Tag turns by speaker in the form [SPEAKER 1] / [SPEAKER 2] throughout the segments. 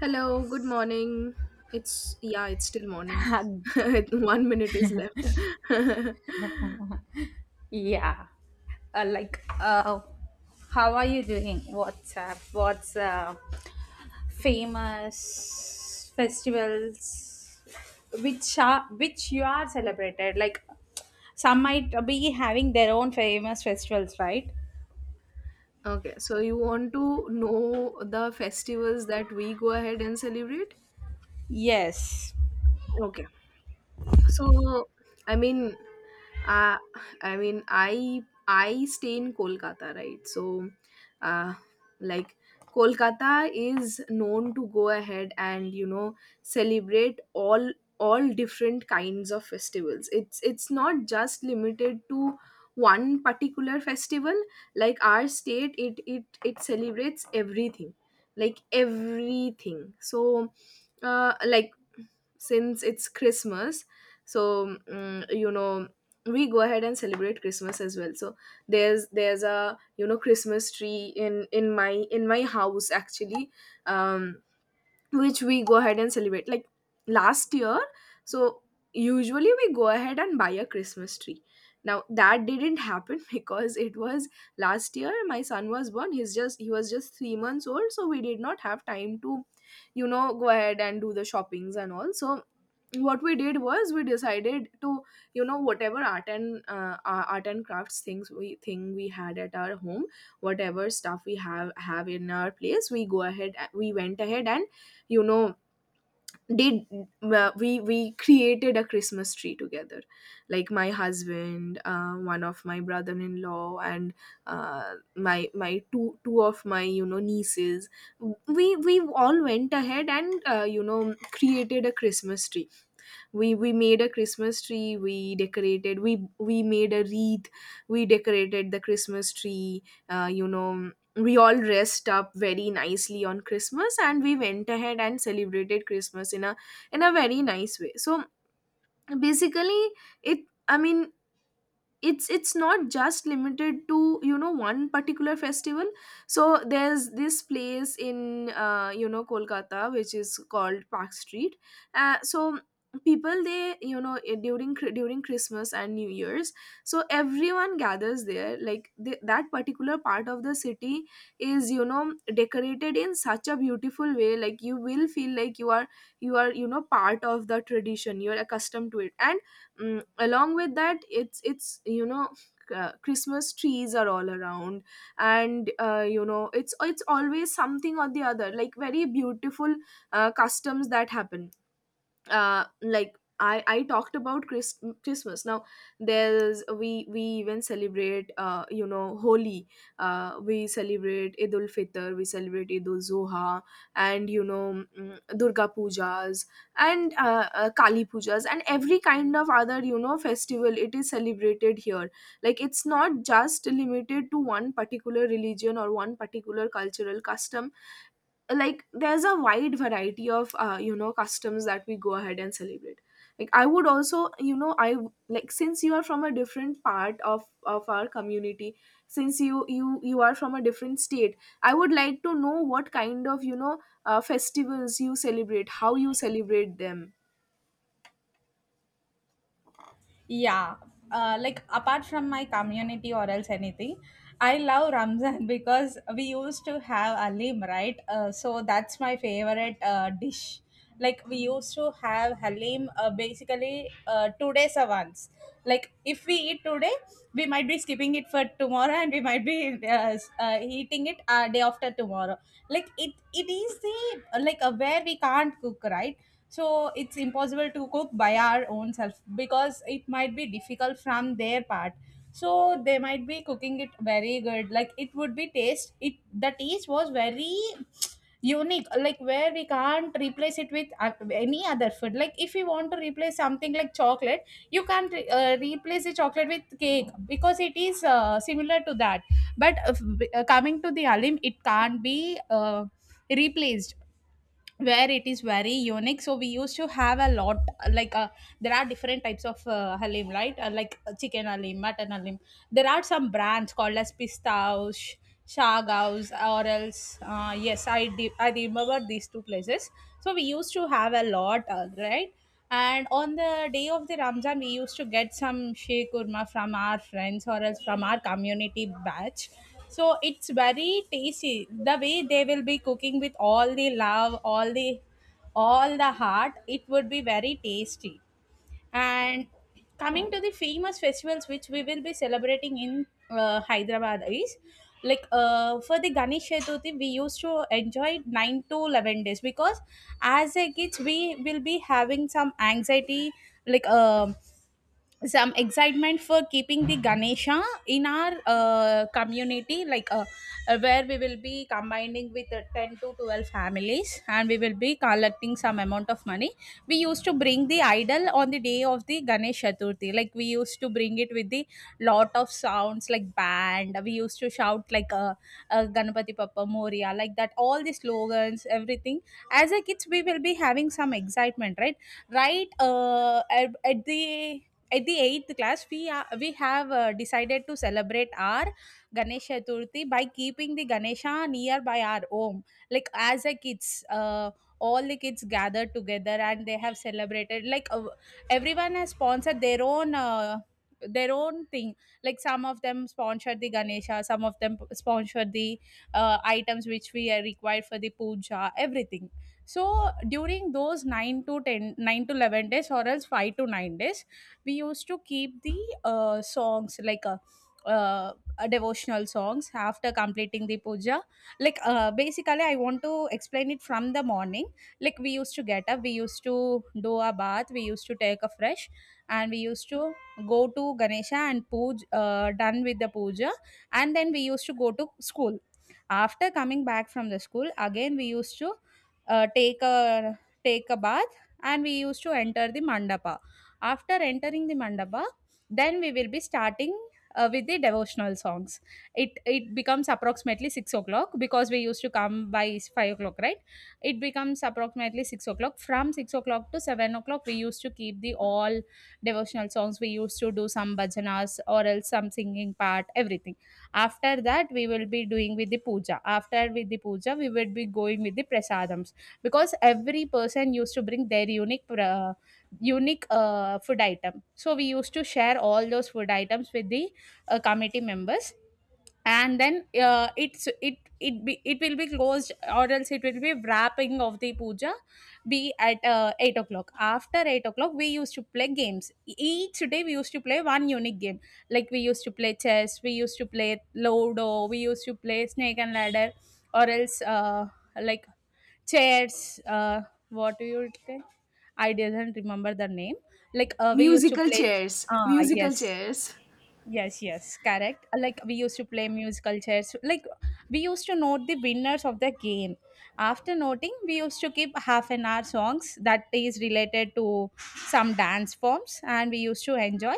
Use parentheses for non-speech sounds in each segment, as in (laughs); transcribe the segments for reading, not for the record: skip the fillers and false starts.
[SPEAKER 1] Hello, good morning. It's yeah, it's still morning.
[SPEAKER 2] Hug.
[SPEAKER 1] (laughs) One minute is left.
[SPEAKER 2] (laughs)
[SPEAKER 1] (laughs)
[SPEAKER 2] Yeah. Like, how are you doing? What's up? What's famous festivals which you are celebrated? Like, some might be having their own famous festivals, right?
[SPEAKER 1] Okay, so you want to know the festivals that we go ahead and celebrate?
[SPEAKER 2] Yes.
[SPEAKER 1] Okay. So, I mean, uh, I stay in Kolkata, right? So uh, like Kolkata is known to go ahead and celebrate all different kinds of festivals. It's not just limited to one particular festival. Like our state, it celebrates everything, like everything. So like, since it's Christmas, so you know, we go ahead and celebrate Christmas as well. So there's a, you know, Christmas tree in my house, actually. um which we go ahead and celebrate, like last year. So usually we go ahead and buy a Christmas tree. Now that didn't happen (laughs) because it was, last year my son was born, he's just, he was just 3 months old, so we did not have time to, you know, go ahead and do the shoppings and all. So what we did was, we decided to, you know, whatever art and art and crafts things we thing we had at our home, whatever stuff we have in our place, we go ahead, we went ahead and, you know, did, we created a Christmas tree together. Like my husband, one of my brother-in-law, and my two of my, you know, nieces, we all went ahead and, you know, created a Christmas tree. We made a Christmas tree, we decorated, we made a wreath, we decorated the Christmas tree. You know, we all dressed up very nicely on Christmas, and we went ahead and celebrated Christmas in a, in a very nice way. So basically, it I mean it's not just limited to, you know, one particular festival. So there's this place in, you know, Kolkata which is called Park Street. So people, they, you know, during during christmas and New Year's, so everyone gathers there. Like that particular part of the city is, you know, decorated in such a beautiful way. Like you will feel like you are, you are, you know, part of the tradition, you are accustomed to it. And along with that, it's you know, Christmas trees are all around. And you know, it's always something or the other, like very beautiful customs that happen. Like, I talked about Christmas. Now there's, we even celebrate, you know, Holi. We celebrate Eid ul Fitr, we celebrate Eid ul Zuha, and you know, Durga Pujas, and Kali Pujas, and every kind of other, you know, festival it is celebrated here. Like it's not just limited to one particular religion or one particular cultural custom. Like there's a wide variety of, you know, customs that we go ahead and celebrate. Like I would also you know I like, since you are from a different part of our community, since you are from a different state, I would like to know what kind of, you know, festivals you celebrate, how you celebrate them.
[SPEAKER 2] Yeah, like apart from my community or else anything, I love Ramzan (laughs) because we used to have halim, right? So that's my favorite dish. Like we used to have halim basically 2 days once. Like if we eat today, we might be skipping it for tomorrow, (laughs) and we might be eating it day after tomorrow. Like it is the like where we can't cook, right? So it's impossible to cook by our own self, because it might be difficult from their part, so they might be cooking it very good, like it would be taste it the taste was very unique, like where we can't replace it with any other food. Like if you want to replace something like chocolate, you can't replace the chocolate with cake, because it is similar to that. But coming to the halim, it can't be replaced, where it is very unique. So we used to have a lot. Like there are different types of halim, right? Like chicken halim, mutton halim. There are some brands called as Pistaus, Shagaus, or else. Yes, I remember these two places. So we used to have a lot, right? And on the day of the Ramzan, we used to get some sheikh kurma from our friends or else from our community batch. So it's very tasty. The way they will be cooking, with all the love, all the heart, it would be very tasty. And coming to the famous festivals which we will be celebrating in Hyderabad is, like for the Ganesh Chaturthi we used to enjoy 9 to 11 days, because as a kids we will be having some anxiety, like some excitement for keeping the Ganesha in our community, like where we will be combining with 10 to 12 families, and we will be collecting some amount of money. We used to bring the idol on the day of the Ganesh Chaturthi. Like we used to bring it with the lot of sounds, like band. We used to shout like Ganpati Papa Moria, like that, all the slogans, everything. As a kids we will be having some excitement, right. At the eighth class we have decided to celebrate our Ganesh Chaturthi by keeping the Ganesha near by our home. Like as a kids, all the kids gathered together and they have celebrated, like everyone has sponsored their own their own thing. Like some of them sponsored the Ganesha, some of them sponsored the items which we are required for the puja, everything. So during those 9 to 10, 9 to 11 days or else 5 to 9 days, we used to keep the songs, like a uh, devotional songs after completing the puja. Like basically I want to explain it from the morning. Like we used to get up, we used to do a bath, we used to take a fresh, and we used to go to Ganesha and puja, done with the puja. And then we used to go to school. After coming back from the school, again we used to uh, take a take a bath, and we used to enter the mandapa. After entering the mandapa, then we will be starting with the devotional songs. It becomes approximately 6 o'clock, because we used to come by 5 o'clock, right? It becomes approximately 6 o'clock. From 6 o'clock to 7 o'clock, we used to keep the all devotional songs. We used to do some bhajanas or else some singing part, everything. After that, we will be doing with the puja. After with the puja, we will be going with the prasadams, because every person used to bring their unique food item. So we used to share all those food items with the committee members, and then it will be closed, or else it will be wrapping of the puja, be at 8 o'clock. After 8 o'clock we used to play games. Each day we used to play one unique game. Like we used to play chess, we used to play lodo, we used to play snake and ladder, or else like chairs, what do you say, I didn't remember the name, like we used to
[SPEAKER 1] Musical
[SPEAKER 2] play.
[SPEAKER 1] chairs,
[SPEAKER 2] Ah,
[SPEAKER 1] musical
[SPEAKER 2] yes.
[SPEAKER 1] chairs.
[SPEAKER 2] Yes, yes, correct. Like we used to play musical chairs. Like we used to note the winners of the game. After noting, we used to keep half an hour songs that is related to some dance forms, and we used to enjoy.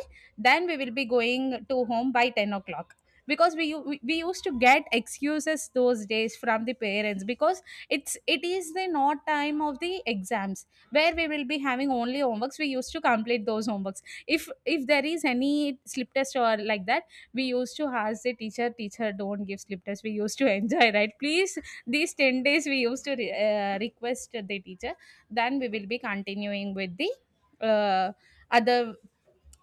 [SPEAKER 2] Then we will be going to home by 10 o'clock, because we u- we used to get excuses those days from the parents, because it is the not time of the exams, where we will be having only homeworks. We used to complete those homeworks. If there is any slip test or like that, we used to ask the teacher, teacher don't give slip test. We used to (laughs) enjoy, right? Please, these 10 days we used to request the teacher. Then we will be continuing with the uh, other,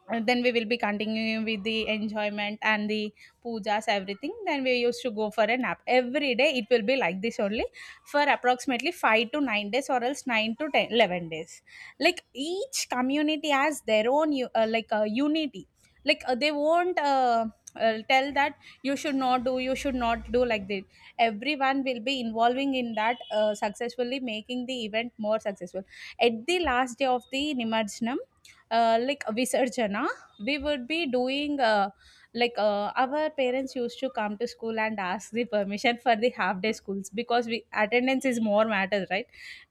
[SPEAKER 2] and then we will be continuing with the enjoyment and the pujas, everything. Then we used to go for a nap. Every day it will be like this only, for approximately 5 to 9 days or else 9 to 10 11 days. Like each community has their own like unity, like they won't tell that you should not do, you should not do, like that. Everyone will be involving in that, successfully making the event more successful. At the last day of the Nimarjanam, like Visarjana, we would be doing, like our parents used to come to school and ask the permission for the half day schools, because we attendance is more matters, right?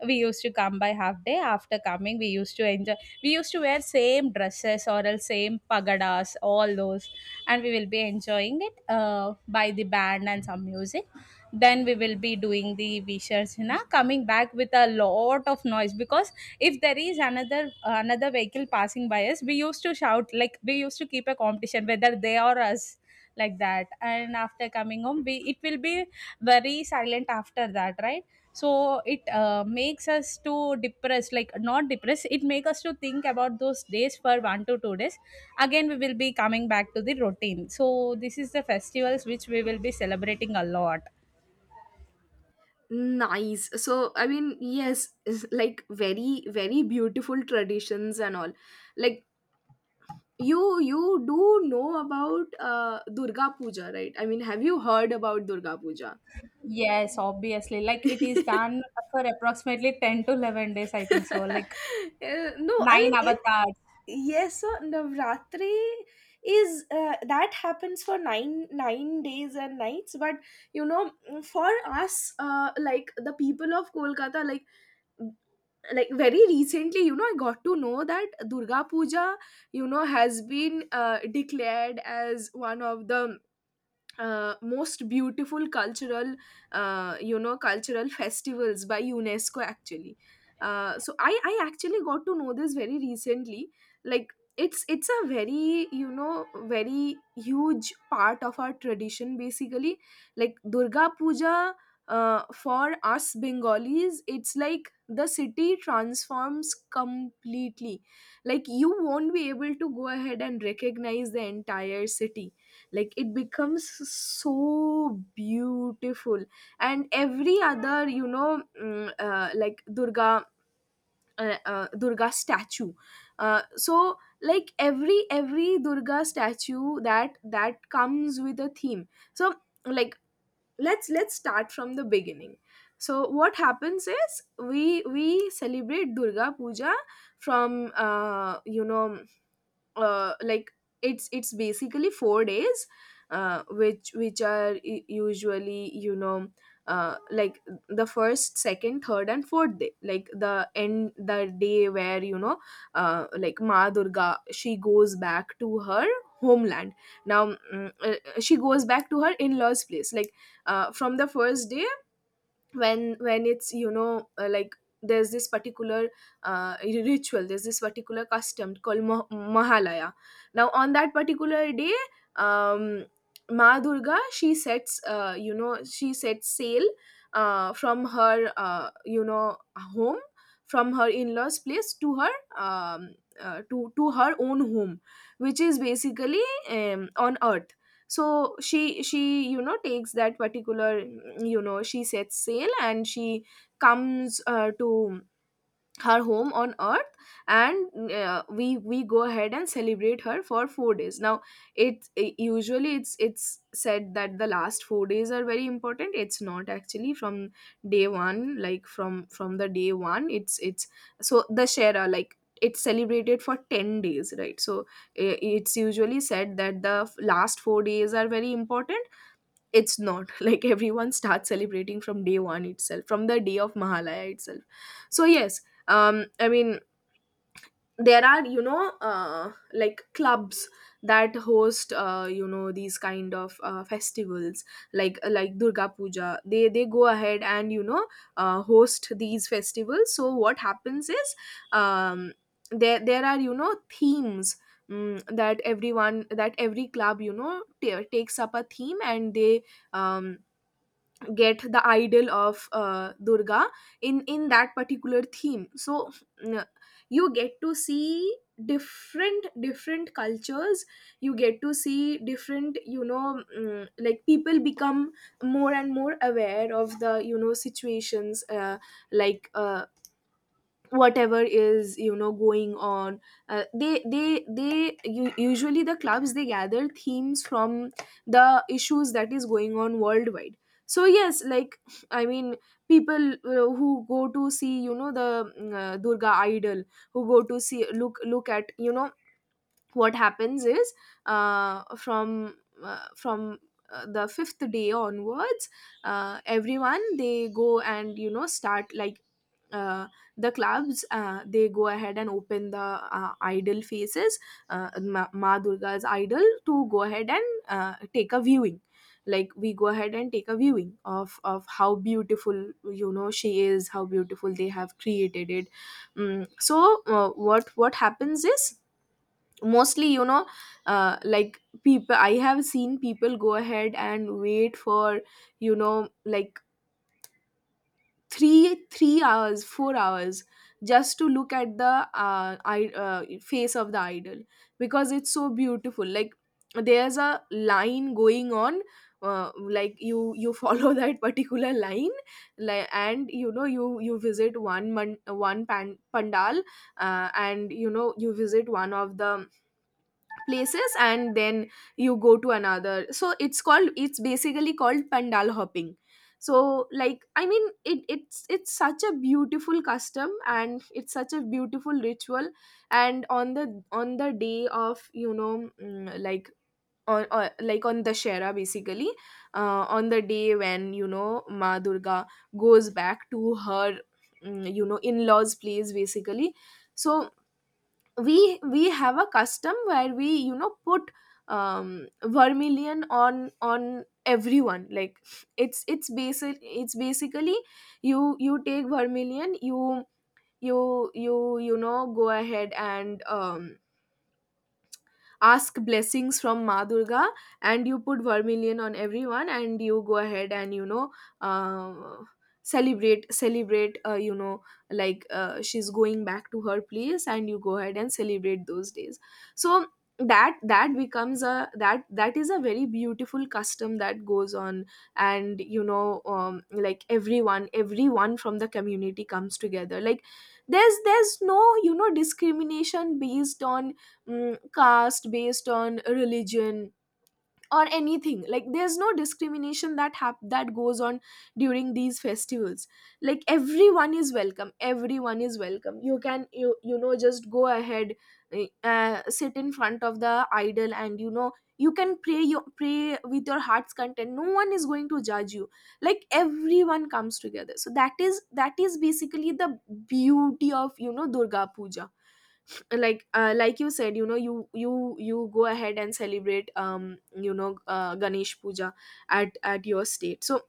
[SPEAKER 2] We used to come by half day. After coming, we used to enjoy. We used to wear same dresses or else same pagadas, all those, and we will be enjoying it by the band and some music. Then we will be doing the Visharjana, coming back with a lot of noise, because if there is another vehicle passing by us, we used to shout. Like we used to keep a competition, whether they or us, like that. And after coming home, we it will be very silent after that, right? So it makes us to depress, like not depress, it makes us to think about those days for 1 to 2 days. Again we will be coming back to the routine. So this is the festivals which we will be celebrating a lot.
[SPEAKER 1] Nice. So I mean, yes. (laughs) It's like very, very beautiful traditions and all. Like, you do know about Durga Puja, right? I mean, have you heard about Durga Puja?
[SPEAKER 2] Yes, obviously, like it is
[SPEAKER 1] (laughs)
[SPEAKER 2] done for approximately 10 to 11 days I think, so like
[SPEAKER 1] No, I mean
[SPEAKER 2] nine
[SPEAKER 1] it.
[SPEAKER 2] avatars.
[SPEAKER 1] Yes, so Navratri is, that happens for nine days and nights. But you know, for us, like the people of Kolkata, like very recently, you know, I got to know that Durga Puja, you know, has been, declared as one of the most beautiful cultural, you know, cultural festivals by UNESCO, actually. So I actually got to know this very recently. Like it's a very, you know, very huge part of our tradition, basically. Like Durga Puja, for us Bengalis, it's like the city transforms completely. Like you won't be able to go ahead and recognize the entire city. Like it becomes so beautiful. And every other, you know, like Durga, Durga statue. So like, every Durga statue, that comes with a theme. So like, let's start from the beginning. So what happens is, we celebrate Durga Puja from, you know, like, it's basically 4 days, which are usually, you know, like the first, second, third and fourth day. Like the end, the day where, you know, like, Ma Durga, she goes back to her homeland. Now, she goes back to her in-laws place. Like, from the first day, when it's, you know, like, there's this particular ritual, there's this particular custom called Mahalaya. Now, on that particular day, um Ma Durga, she sets, you know, she sets sail, from her, you know, home, from her in-laws place, to her, um, to her own home, which is basically on earth. So she, she takes that particular, you know, she sets sail, and she comes, to her home on earth. And we go ahead and celebrate her for 4 days. Now usually it's said that the last 4 days are very important, it's not actually from day 1. Like from the day 1, it's so the shera, like, it's celebrated for 10 days, right? So it's usually said that the last 4 days are very important. It's not (laughs) like everyone starts celebrating from day one itself, from the day of Mahalaya itself. So yes. um i mean there are, you know, like, clubs that host, you know, these kind of festivals, like Durga Puja. They go ahead, and you know, host these festivals. So what happens is, um, there there are, you know, themes, that everyone, that every club, you know, takes up a theme, and they, um get the idol of, Durga, in that particular theme. So n- you get to see different cultures. You get to see different, you know, like, people become more and more aware of the, you know, situations, like uh, whatever is, you know, going on. Usually the clubs, they gather themes from the issues that is going on worldwide. So yes. Like I mean, people, who go to see, you know, the Durga idol, who go to see, look at, you know, what happens is, uh, from from the fifth day onwards, everyone, they go and, you know, start like, uh, the clubs, they go ahead and open the idol faces, Ma Durga's idol, to go ahead and take a viewing. Like we go ahead and take a viewing of how beautiful, you know, she is, how beautiful they have created it. What happens is, mostly, you know, like, people, I have seen people go ahead and wait for, you know, like, three hours, 4 hours, just to look at the, face of the idol, because it's so beautiful. Like, there's a line going on, like, you follow (laughs) that particular line, and you know, you visit one man, one pan, pandal, and you know, you visit one of the places, and then you go to another. So it's called, it's basically called pandal hopping. So like, I mean, it's such a beautiful custom, and it's such a beautiful ritual. And on the, on the day of, you know, on like, on Shara basically, on the day when, you know, Ma Durga goes back to her, you know, in-laws place, basically. So we have a custom where we, you know, put vermilion on everyone. Like, it's basically, you take vermilion, you know go ahead and ask blessings from Ma Durga, and you put vermilion on everyone, and you go ahead and, you know, uh, celebrate, you know, like, she's going back to her place, and you go ahead and celebrate those days. So that that becomes a, that is a very beautiful custom that goes on. And you know, like, everyone from the community comes together. Like there's no, you know, discrimination based on, caste, based on religion, or anything. Like there's no discrimination that that goes on during these festivals. Like everyone is welcome, you can, you know, just go ahead, sit in front of the idol, and you can pray, you pray with your heart's content. No one is going to judge you. Like everyone comes together, so that is basically the beauty of Durga Puja. Like you said, you go ahead and celebrate Ganesh Puja at your state. So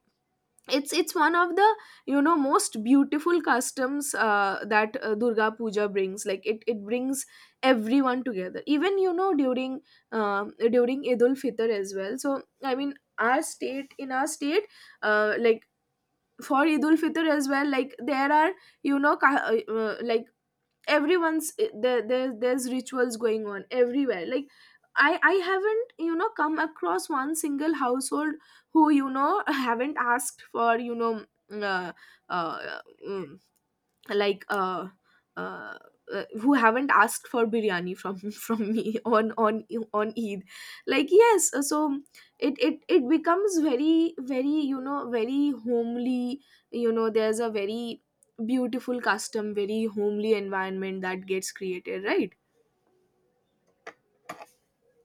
[SPEAKER 1] it's one of the most beautiful customs that Durga Puja brings. Like it brings everyone together, even during during Eid ul fitr as well. So I mean, our state in our state, uh, like for Eid ul fitr as well, like there are you know ca- uh, uh, like everyone's there there's rituals going on everywhere. Like I haven't come across one single household who (laughs) haven't asked for you know mm, uh, mm, like uh, who haven't asked for biryani from (laughs) from me on on Eid. Like yes, so it becomes very very homely. You know, there's a very beautiful custom, very homely environment that gets created, right?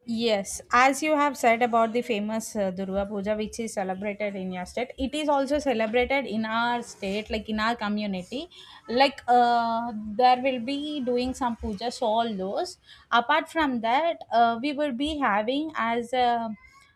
[SPEAKER 2] Yes, as you have said about the famous Durga Puja, which is celebrated in your state, it is also celebrated in our state, like in our community. Like there will be doing some pujas, all those. Apart from that, we will be having as a,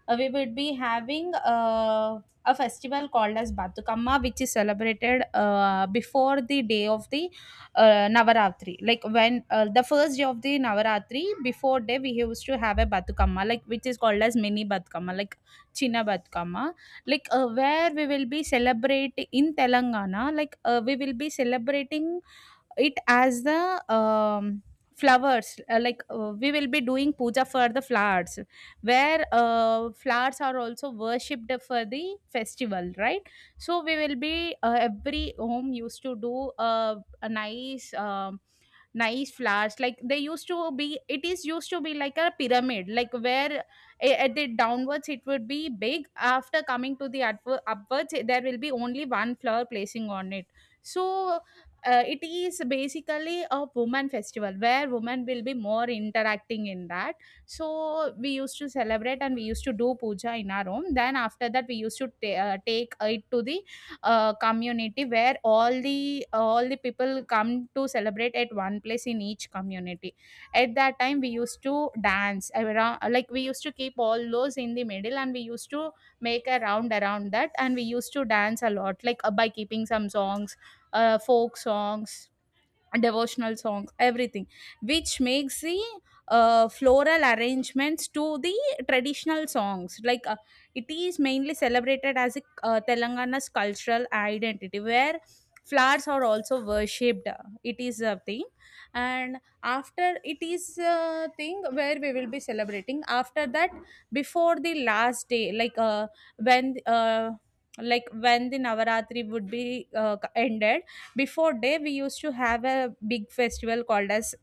[SPEAKER 2] uh, we will be having a festival called as Batukamma, which is celebrated before the day of the Navaratri. Like when the first day of the Navaratri, before day we used to have a Batukama, like which is called as mini Batukama, like China Batukama, like where we will be celebrating in Telangana, like we will be celebrating it as the flowers like we will be doing puja for the flowers where flowers are also worshipped for the festival, right? So we will be every home used to do a nice nice flowers, like they used to be, it is used to be like a pyramid, like where at the downwards it would be big, after coming to the upwards there will be only one flower placing on it. So it is basically a woman festival where women will be more interacting in that. So we used to celebrate and we used to do puja in our home, then after that we used to take it to the community where all the people come to celebrate at one place in each community. At that time we used to dance around, like we used to keep all those in the middle and we used to make a round around that and we used to dance a lot, like by keeping some songs, folk songs, devotional songs, everything, which makes the floral arrangements to the traditional songs, like it is mainly celebrated as a Telangana's cultural identity where flowers are also worshipped. It is a thing. And after it is a thing where we will be celebrating after that, before the last day, like when like when the Navaratri would be ended, before day we used to have a big festival called as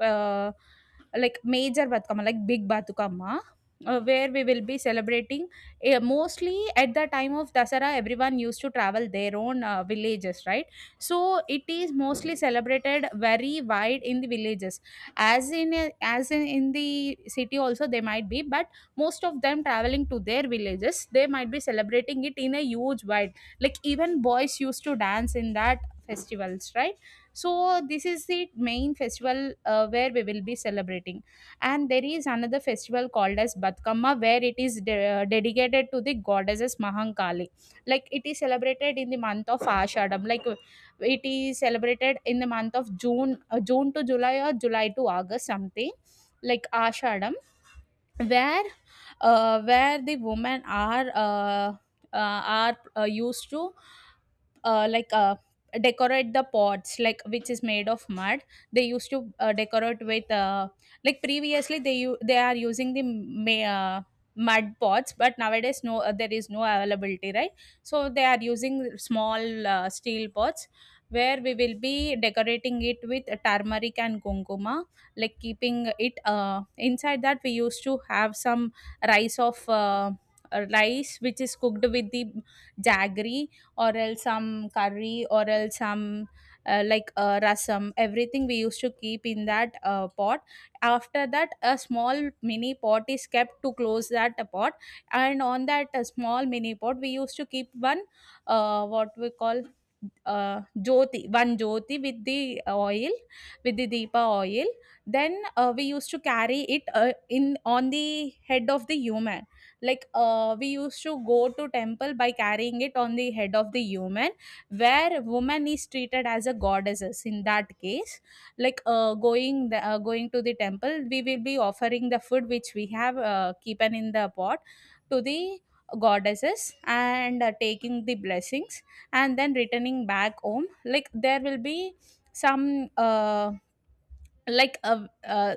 [SPEAKER 2] uh, like major Batukama, like big Batukama, where we will be celebrating. Mostly at the time of Dasara, everyone used to travel their own villages, right? So it is mostly celebrated very wide in the villages. As in as in the city also they might be, but most of them traveling to their villages they might be celebrating it in a huge wide, like even boys used to dance in that festivals, right? So this is the main festival where we will be celebrating. And there is another festival called as Batkamma, where it is dedicated to the goddesses Mahankali. Like it is celebrated in the month of Ashadam, like it is celebrated in the month of June, June to July or July to August, something like Ashadam, where where the women are uh, are used to like decorate the pots, like which is made of mud. They used to decorate with like previously they they are using the mud pots, but nowadays no, there is no availability, right? So they are using small steel pots, where we will be decorating it with turmeric and kumkuma. Like keeping it inside that we used to have some rice of rice which is cooked with the jaggery, or else some curry, or else some like rasam, everything we used to keep in that pot. After that a small mini pot is kept to close that pot, and on that small mini pot we used to keep one what we call jyoti, one jyoti with the oil, with the deepa oil. Then we used to carry it in on the head of the human, like we used to go to temple by carrying it on the head of the human, where woman is treated as a goddesses in that case. Like going the, going to the temple we will be offering the food which we have keepen in the pot to the goddesses and taking the blessings, and then returning back home. Like there will be some like uh, uh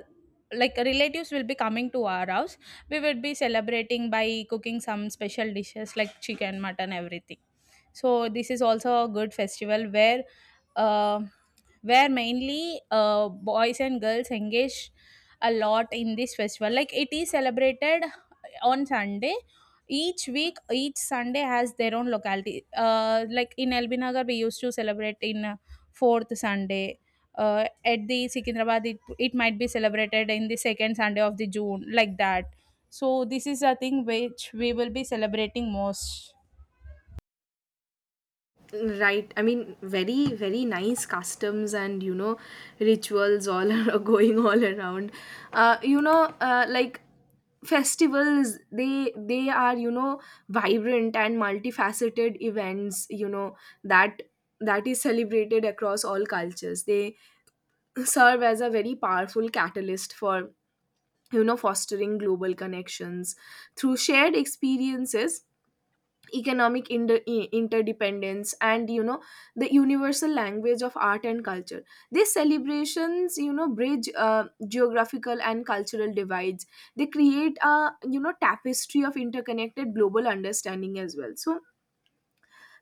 [SPEAKER 2] like relatives will be coming to our house, we would be celebrating by cooking some special dishes like chicken, mutton, everything. So this is also a good festival uh, where mainly boys and girls engage a lot in this festival. Like it is celebrated on Sunday, each week, each Sunday has their own locality. Like in LB we used to celebrate in fourth Sunday. At the Sikindrabad, it might be celebrated in the second Sunday of the June, like that. So this is a thing which we will be celebrating most.
[SPEAKER 1] Right, I mean, very nice customs, and rituals all (laughs) are going all around. Like festivals, they are, vibrant and multifaceted events, that that is celebrated across all cultures. They (laughs) serve as a very powerful catalyst for fostering global connections through shared experiences, economic interdependence, and the universal language of art and culture. These celebrations, bridge geographical and cultural divides. They create a, tapestry of interconnected global understanding as well. So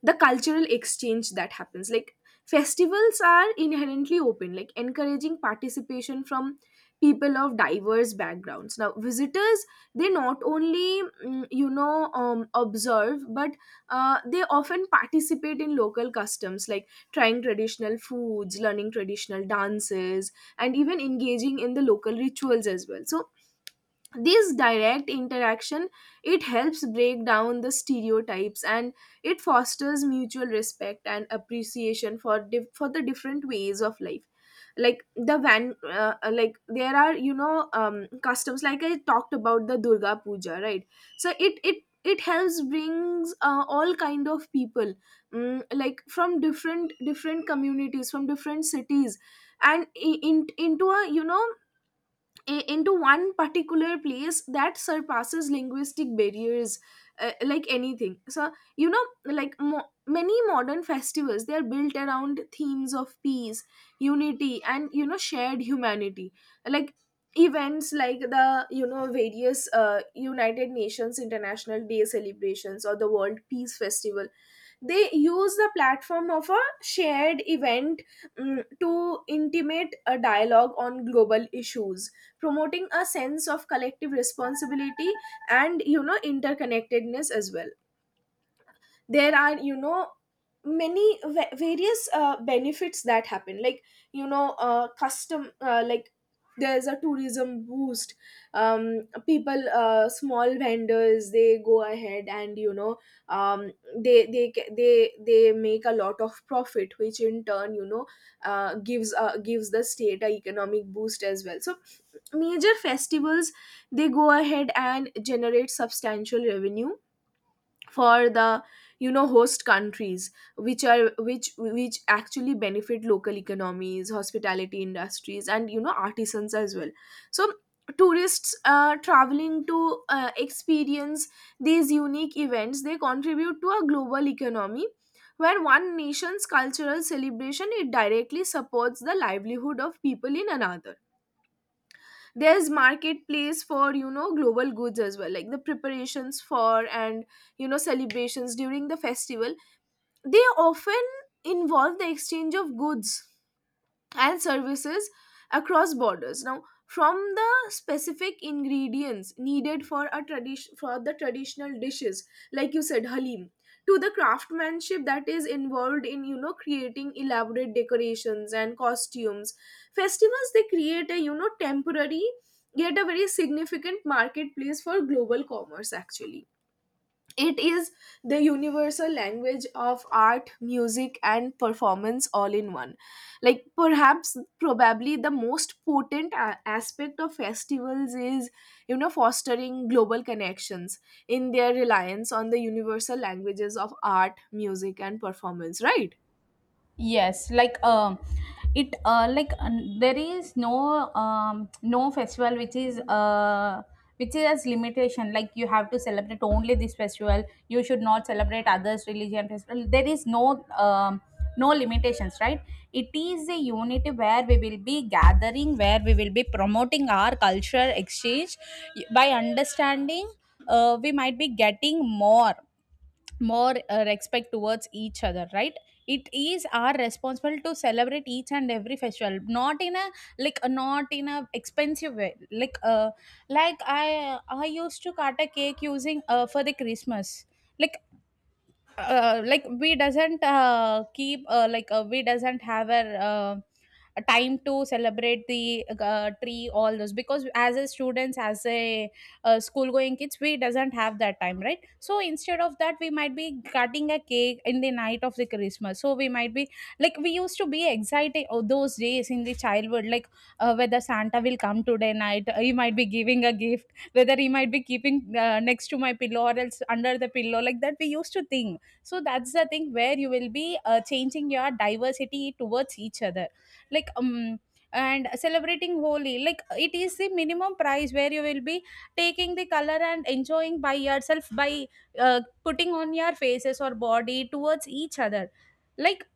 [SPEAKER 1] the cultural exchange that happens, like festivals are inherently open, like encouraging participation from people of diverse backgrounds. Now visitors, they not only observe, but they often participate in local customs, like trying traditional foods, learning traditional dances, and even engaging in the local rituals as well. So this direct interaction, it helps break down the stereotypes, and it fosters mutual respect and appreciation for for the different ways of life. Like the van like there are, customs, like I talked about the Durga Puja, right? So it helps brings all kind of people, like from different communities, from different cities, and into a, into one particular place that surpasses linguistic barriers, like anything. So like many modern festivals, they are built around themes of peace, unity, and shared humanity. Like events like the, various United Nations International Day celebrations, or the World Peace Festival, they use the platform of a shared event, to intimate a dialogue on global issues, promoting a sense of collective responsibility and interconnectedness as well. There are, many various benefits that happen. Like you know custom like there's a tourism boost. People, small vendors, they go ahead and they ca- they make a lot of profit, which in turn, gives the state a economic boost as well. So major festivals, they go ahead and generate substantial revenue for the, host countries, which are which actually benefit local economies, hospitality industries, and artisans as well. So tourists, traveling to experience these unique events, they contribute to a global economy where one nation's cultural celebration, it directly supports the livelihood of people in another. There's marketplace for global goods as well. Like the preparations for and, celebrations during the festival, they often involve the exchange of goods and services across borders now. From the specific ingredients needed for a tradition for the traditional dishes, like you said, halim, to the craftsmanship that is involved in, creating elaborate decorations and costumes, festivals, they create a, temporary yet a very significant marketplace for global commerce. Actually, it is the universal language of art, music, and performance, all in one. Like, perhaps, probably the most potent aspect of festivals is, you know, fostering global connections in their reliance on the universal languages of art, music, and performance, right?
[SPEAKER 2] Yes, like it like there is no no festival which is as limitation. Like you have to celebrate only this festival. You should not celebrate others' religion festival. There is no no limitations, right? It is a unity where we will be gathering, where we will be promoting our cultural exchange by understanding. We might be getting more respect towards each other, right? It is our responsible to celebrate each and every festival, not in a like not in a expensive way, like I used to cut a cake using for the Christmas. Like like we doesn't keep, like we doesn't have a time to celebrate the tree all those, because as a students as a school going kids we doesn't have that time, right? So instead of that we might be cutting a cake in the night of the Christmas, so we might be like we used to be excited. Oh, those days in the childhood, like whether Santa will come today night, he might be giving a gift, whether he might be keeping next to my pillow or else under the pillow, like that we used to think. So that's the thing where you will be changing your diversity towards each other, like and celebrating Holi, like it is the minimum price where you will be taking the color and enjoying by yourself by putting on your faces or body towards each other, like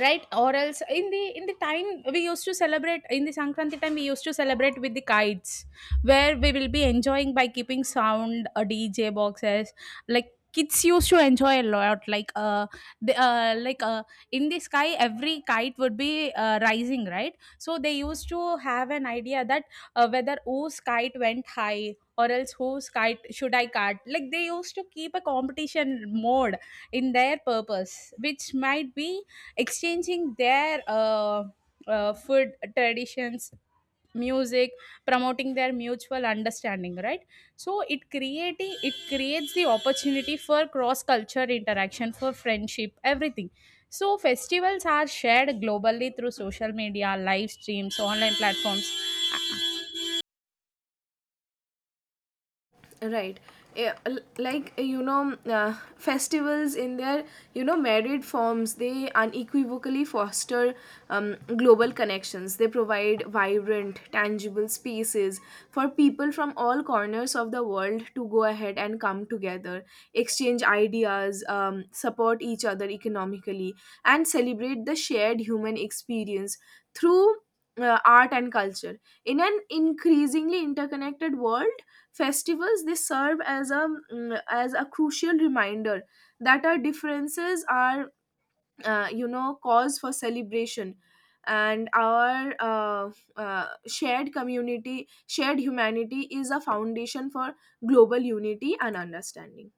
[SPEAKER 2] right, or else in the time we used to celebrate in the Sankranti time, we used to celebrate with the kites, where we will be enjoying by keeping sound DJ boxes. Like kids used to enjoy a lot, like the, like in the sky every kite would be rising, right? So they used to have an idea that whether whose kite went high or else whose kite should I cut, like they used to keep a competition mode in their purpose, which might be exchanging their food traditions, music, promoting their mutual understanding, right? So it creates the opportunity for cross culture interaction, for friendship, everything. So festivals are shared globally through social media, live streams, online platforms
[SPEAKER 1] Right. Like festivals in their, married forms, they unequivocally foster global connections. They provide vibrant, tangible spaces for people from all corners of the world to go ahead and come together, exchange ideas, support each other economically, and celebrate the shared human experience through art and culture. In an increasingly interconnected world, festivals, they serve as a, as a crucial reminder that our differences are, cause for celebration, and our shared community shared humanity is a foundation for global unity and understanding.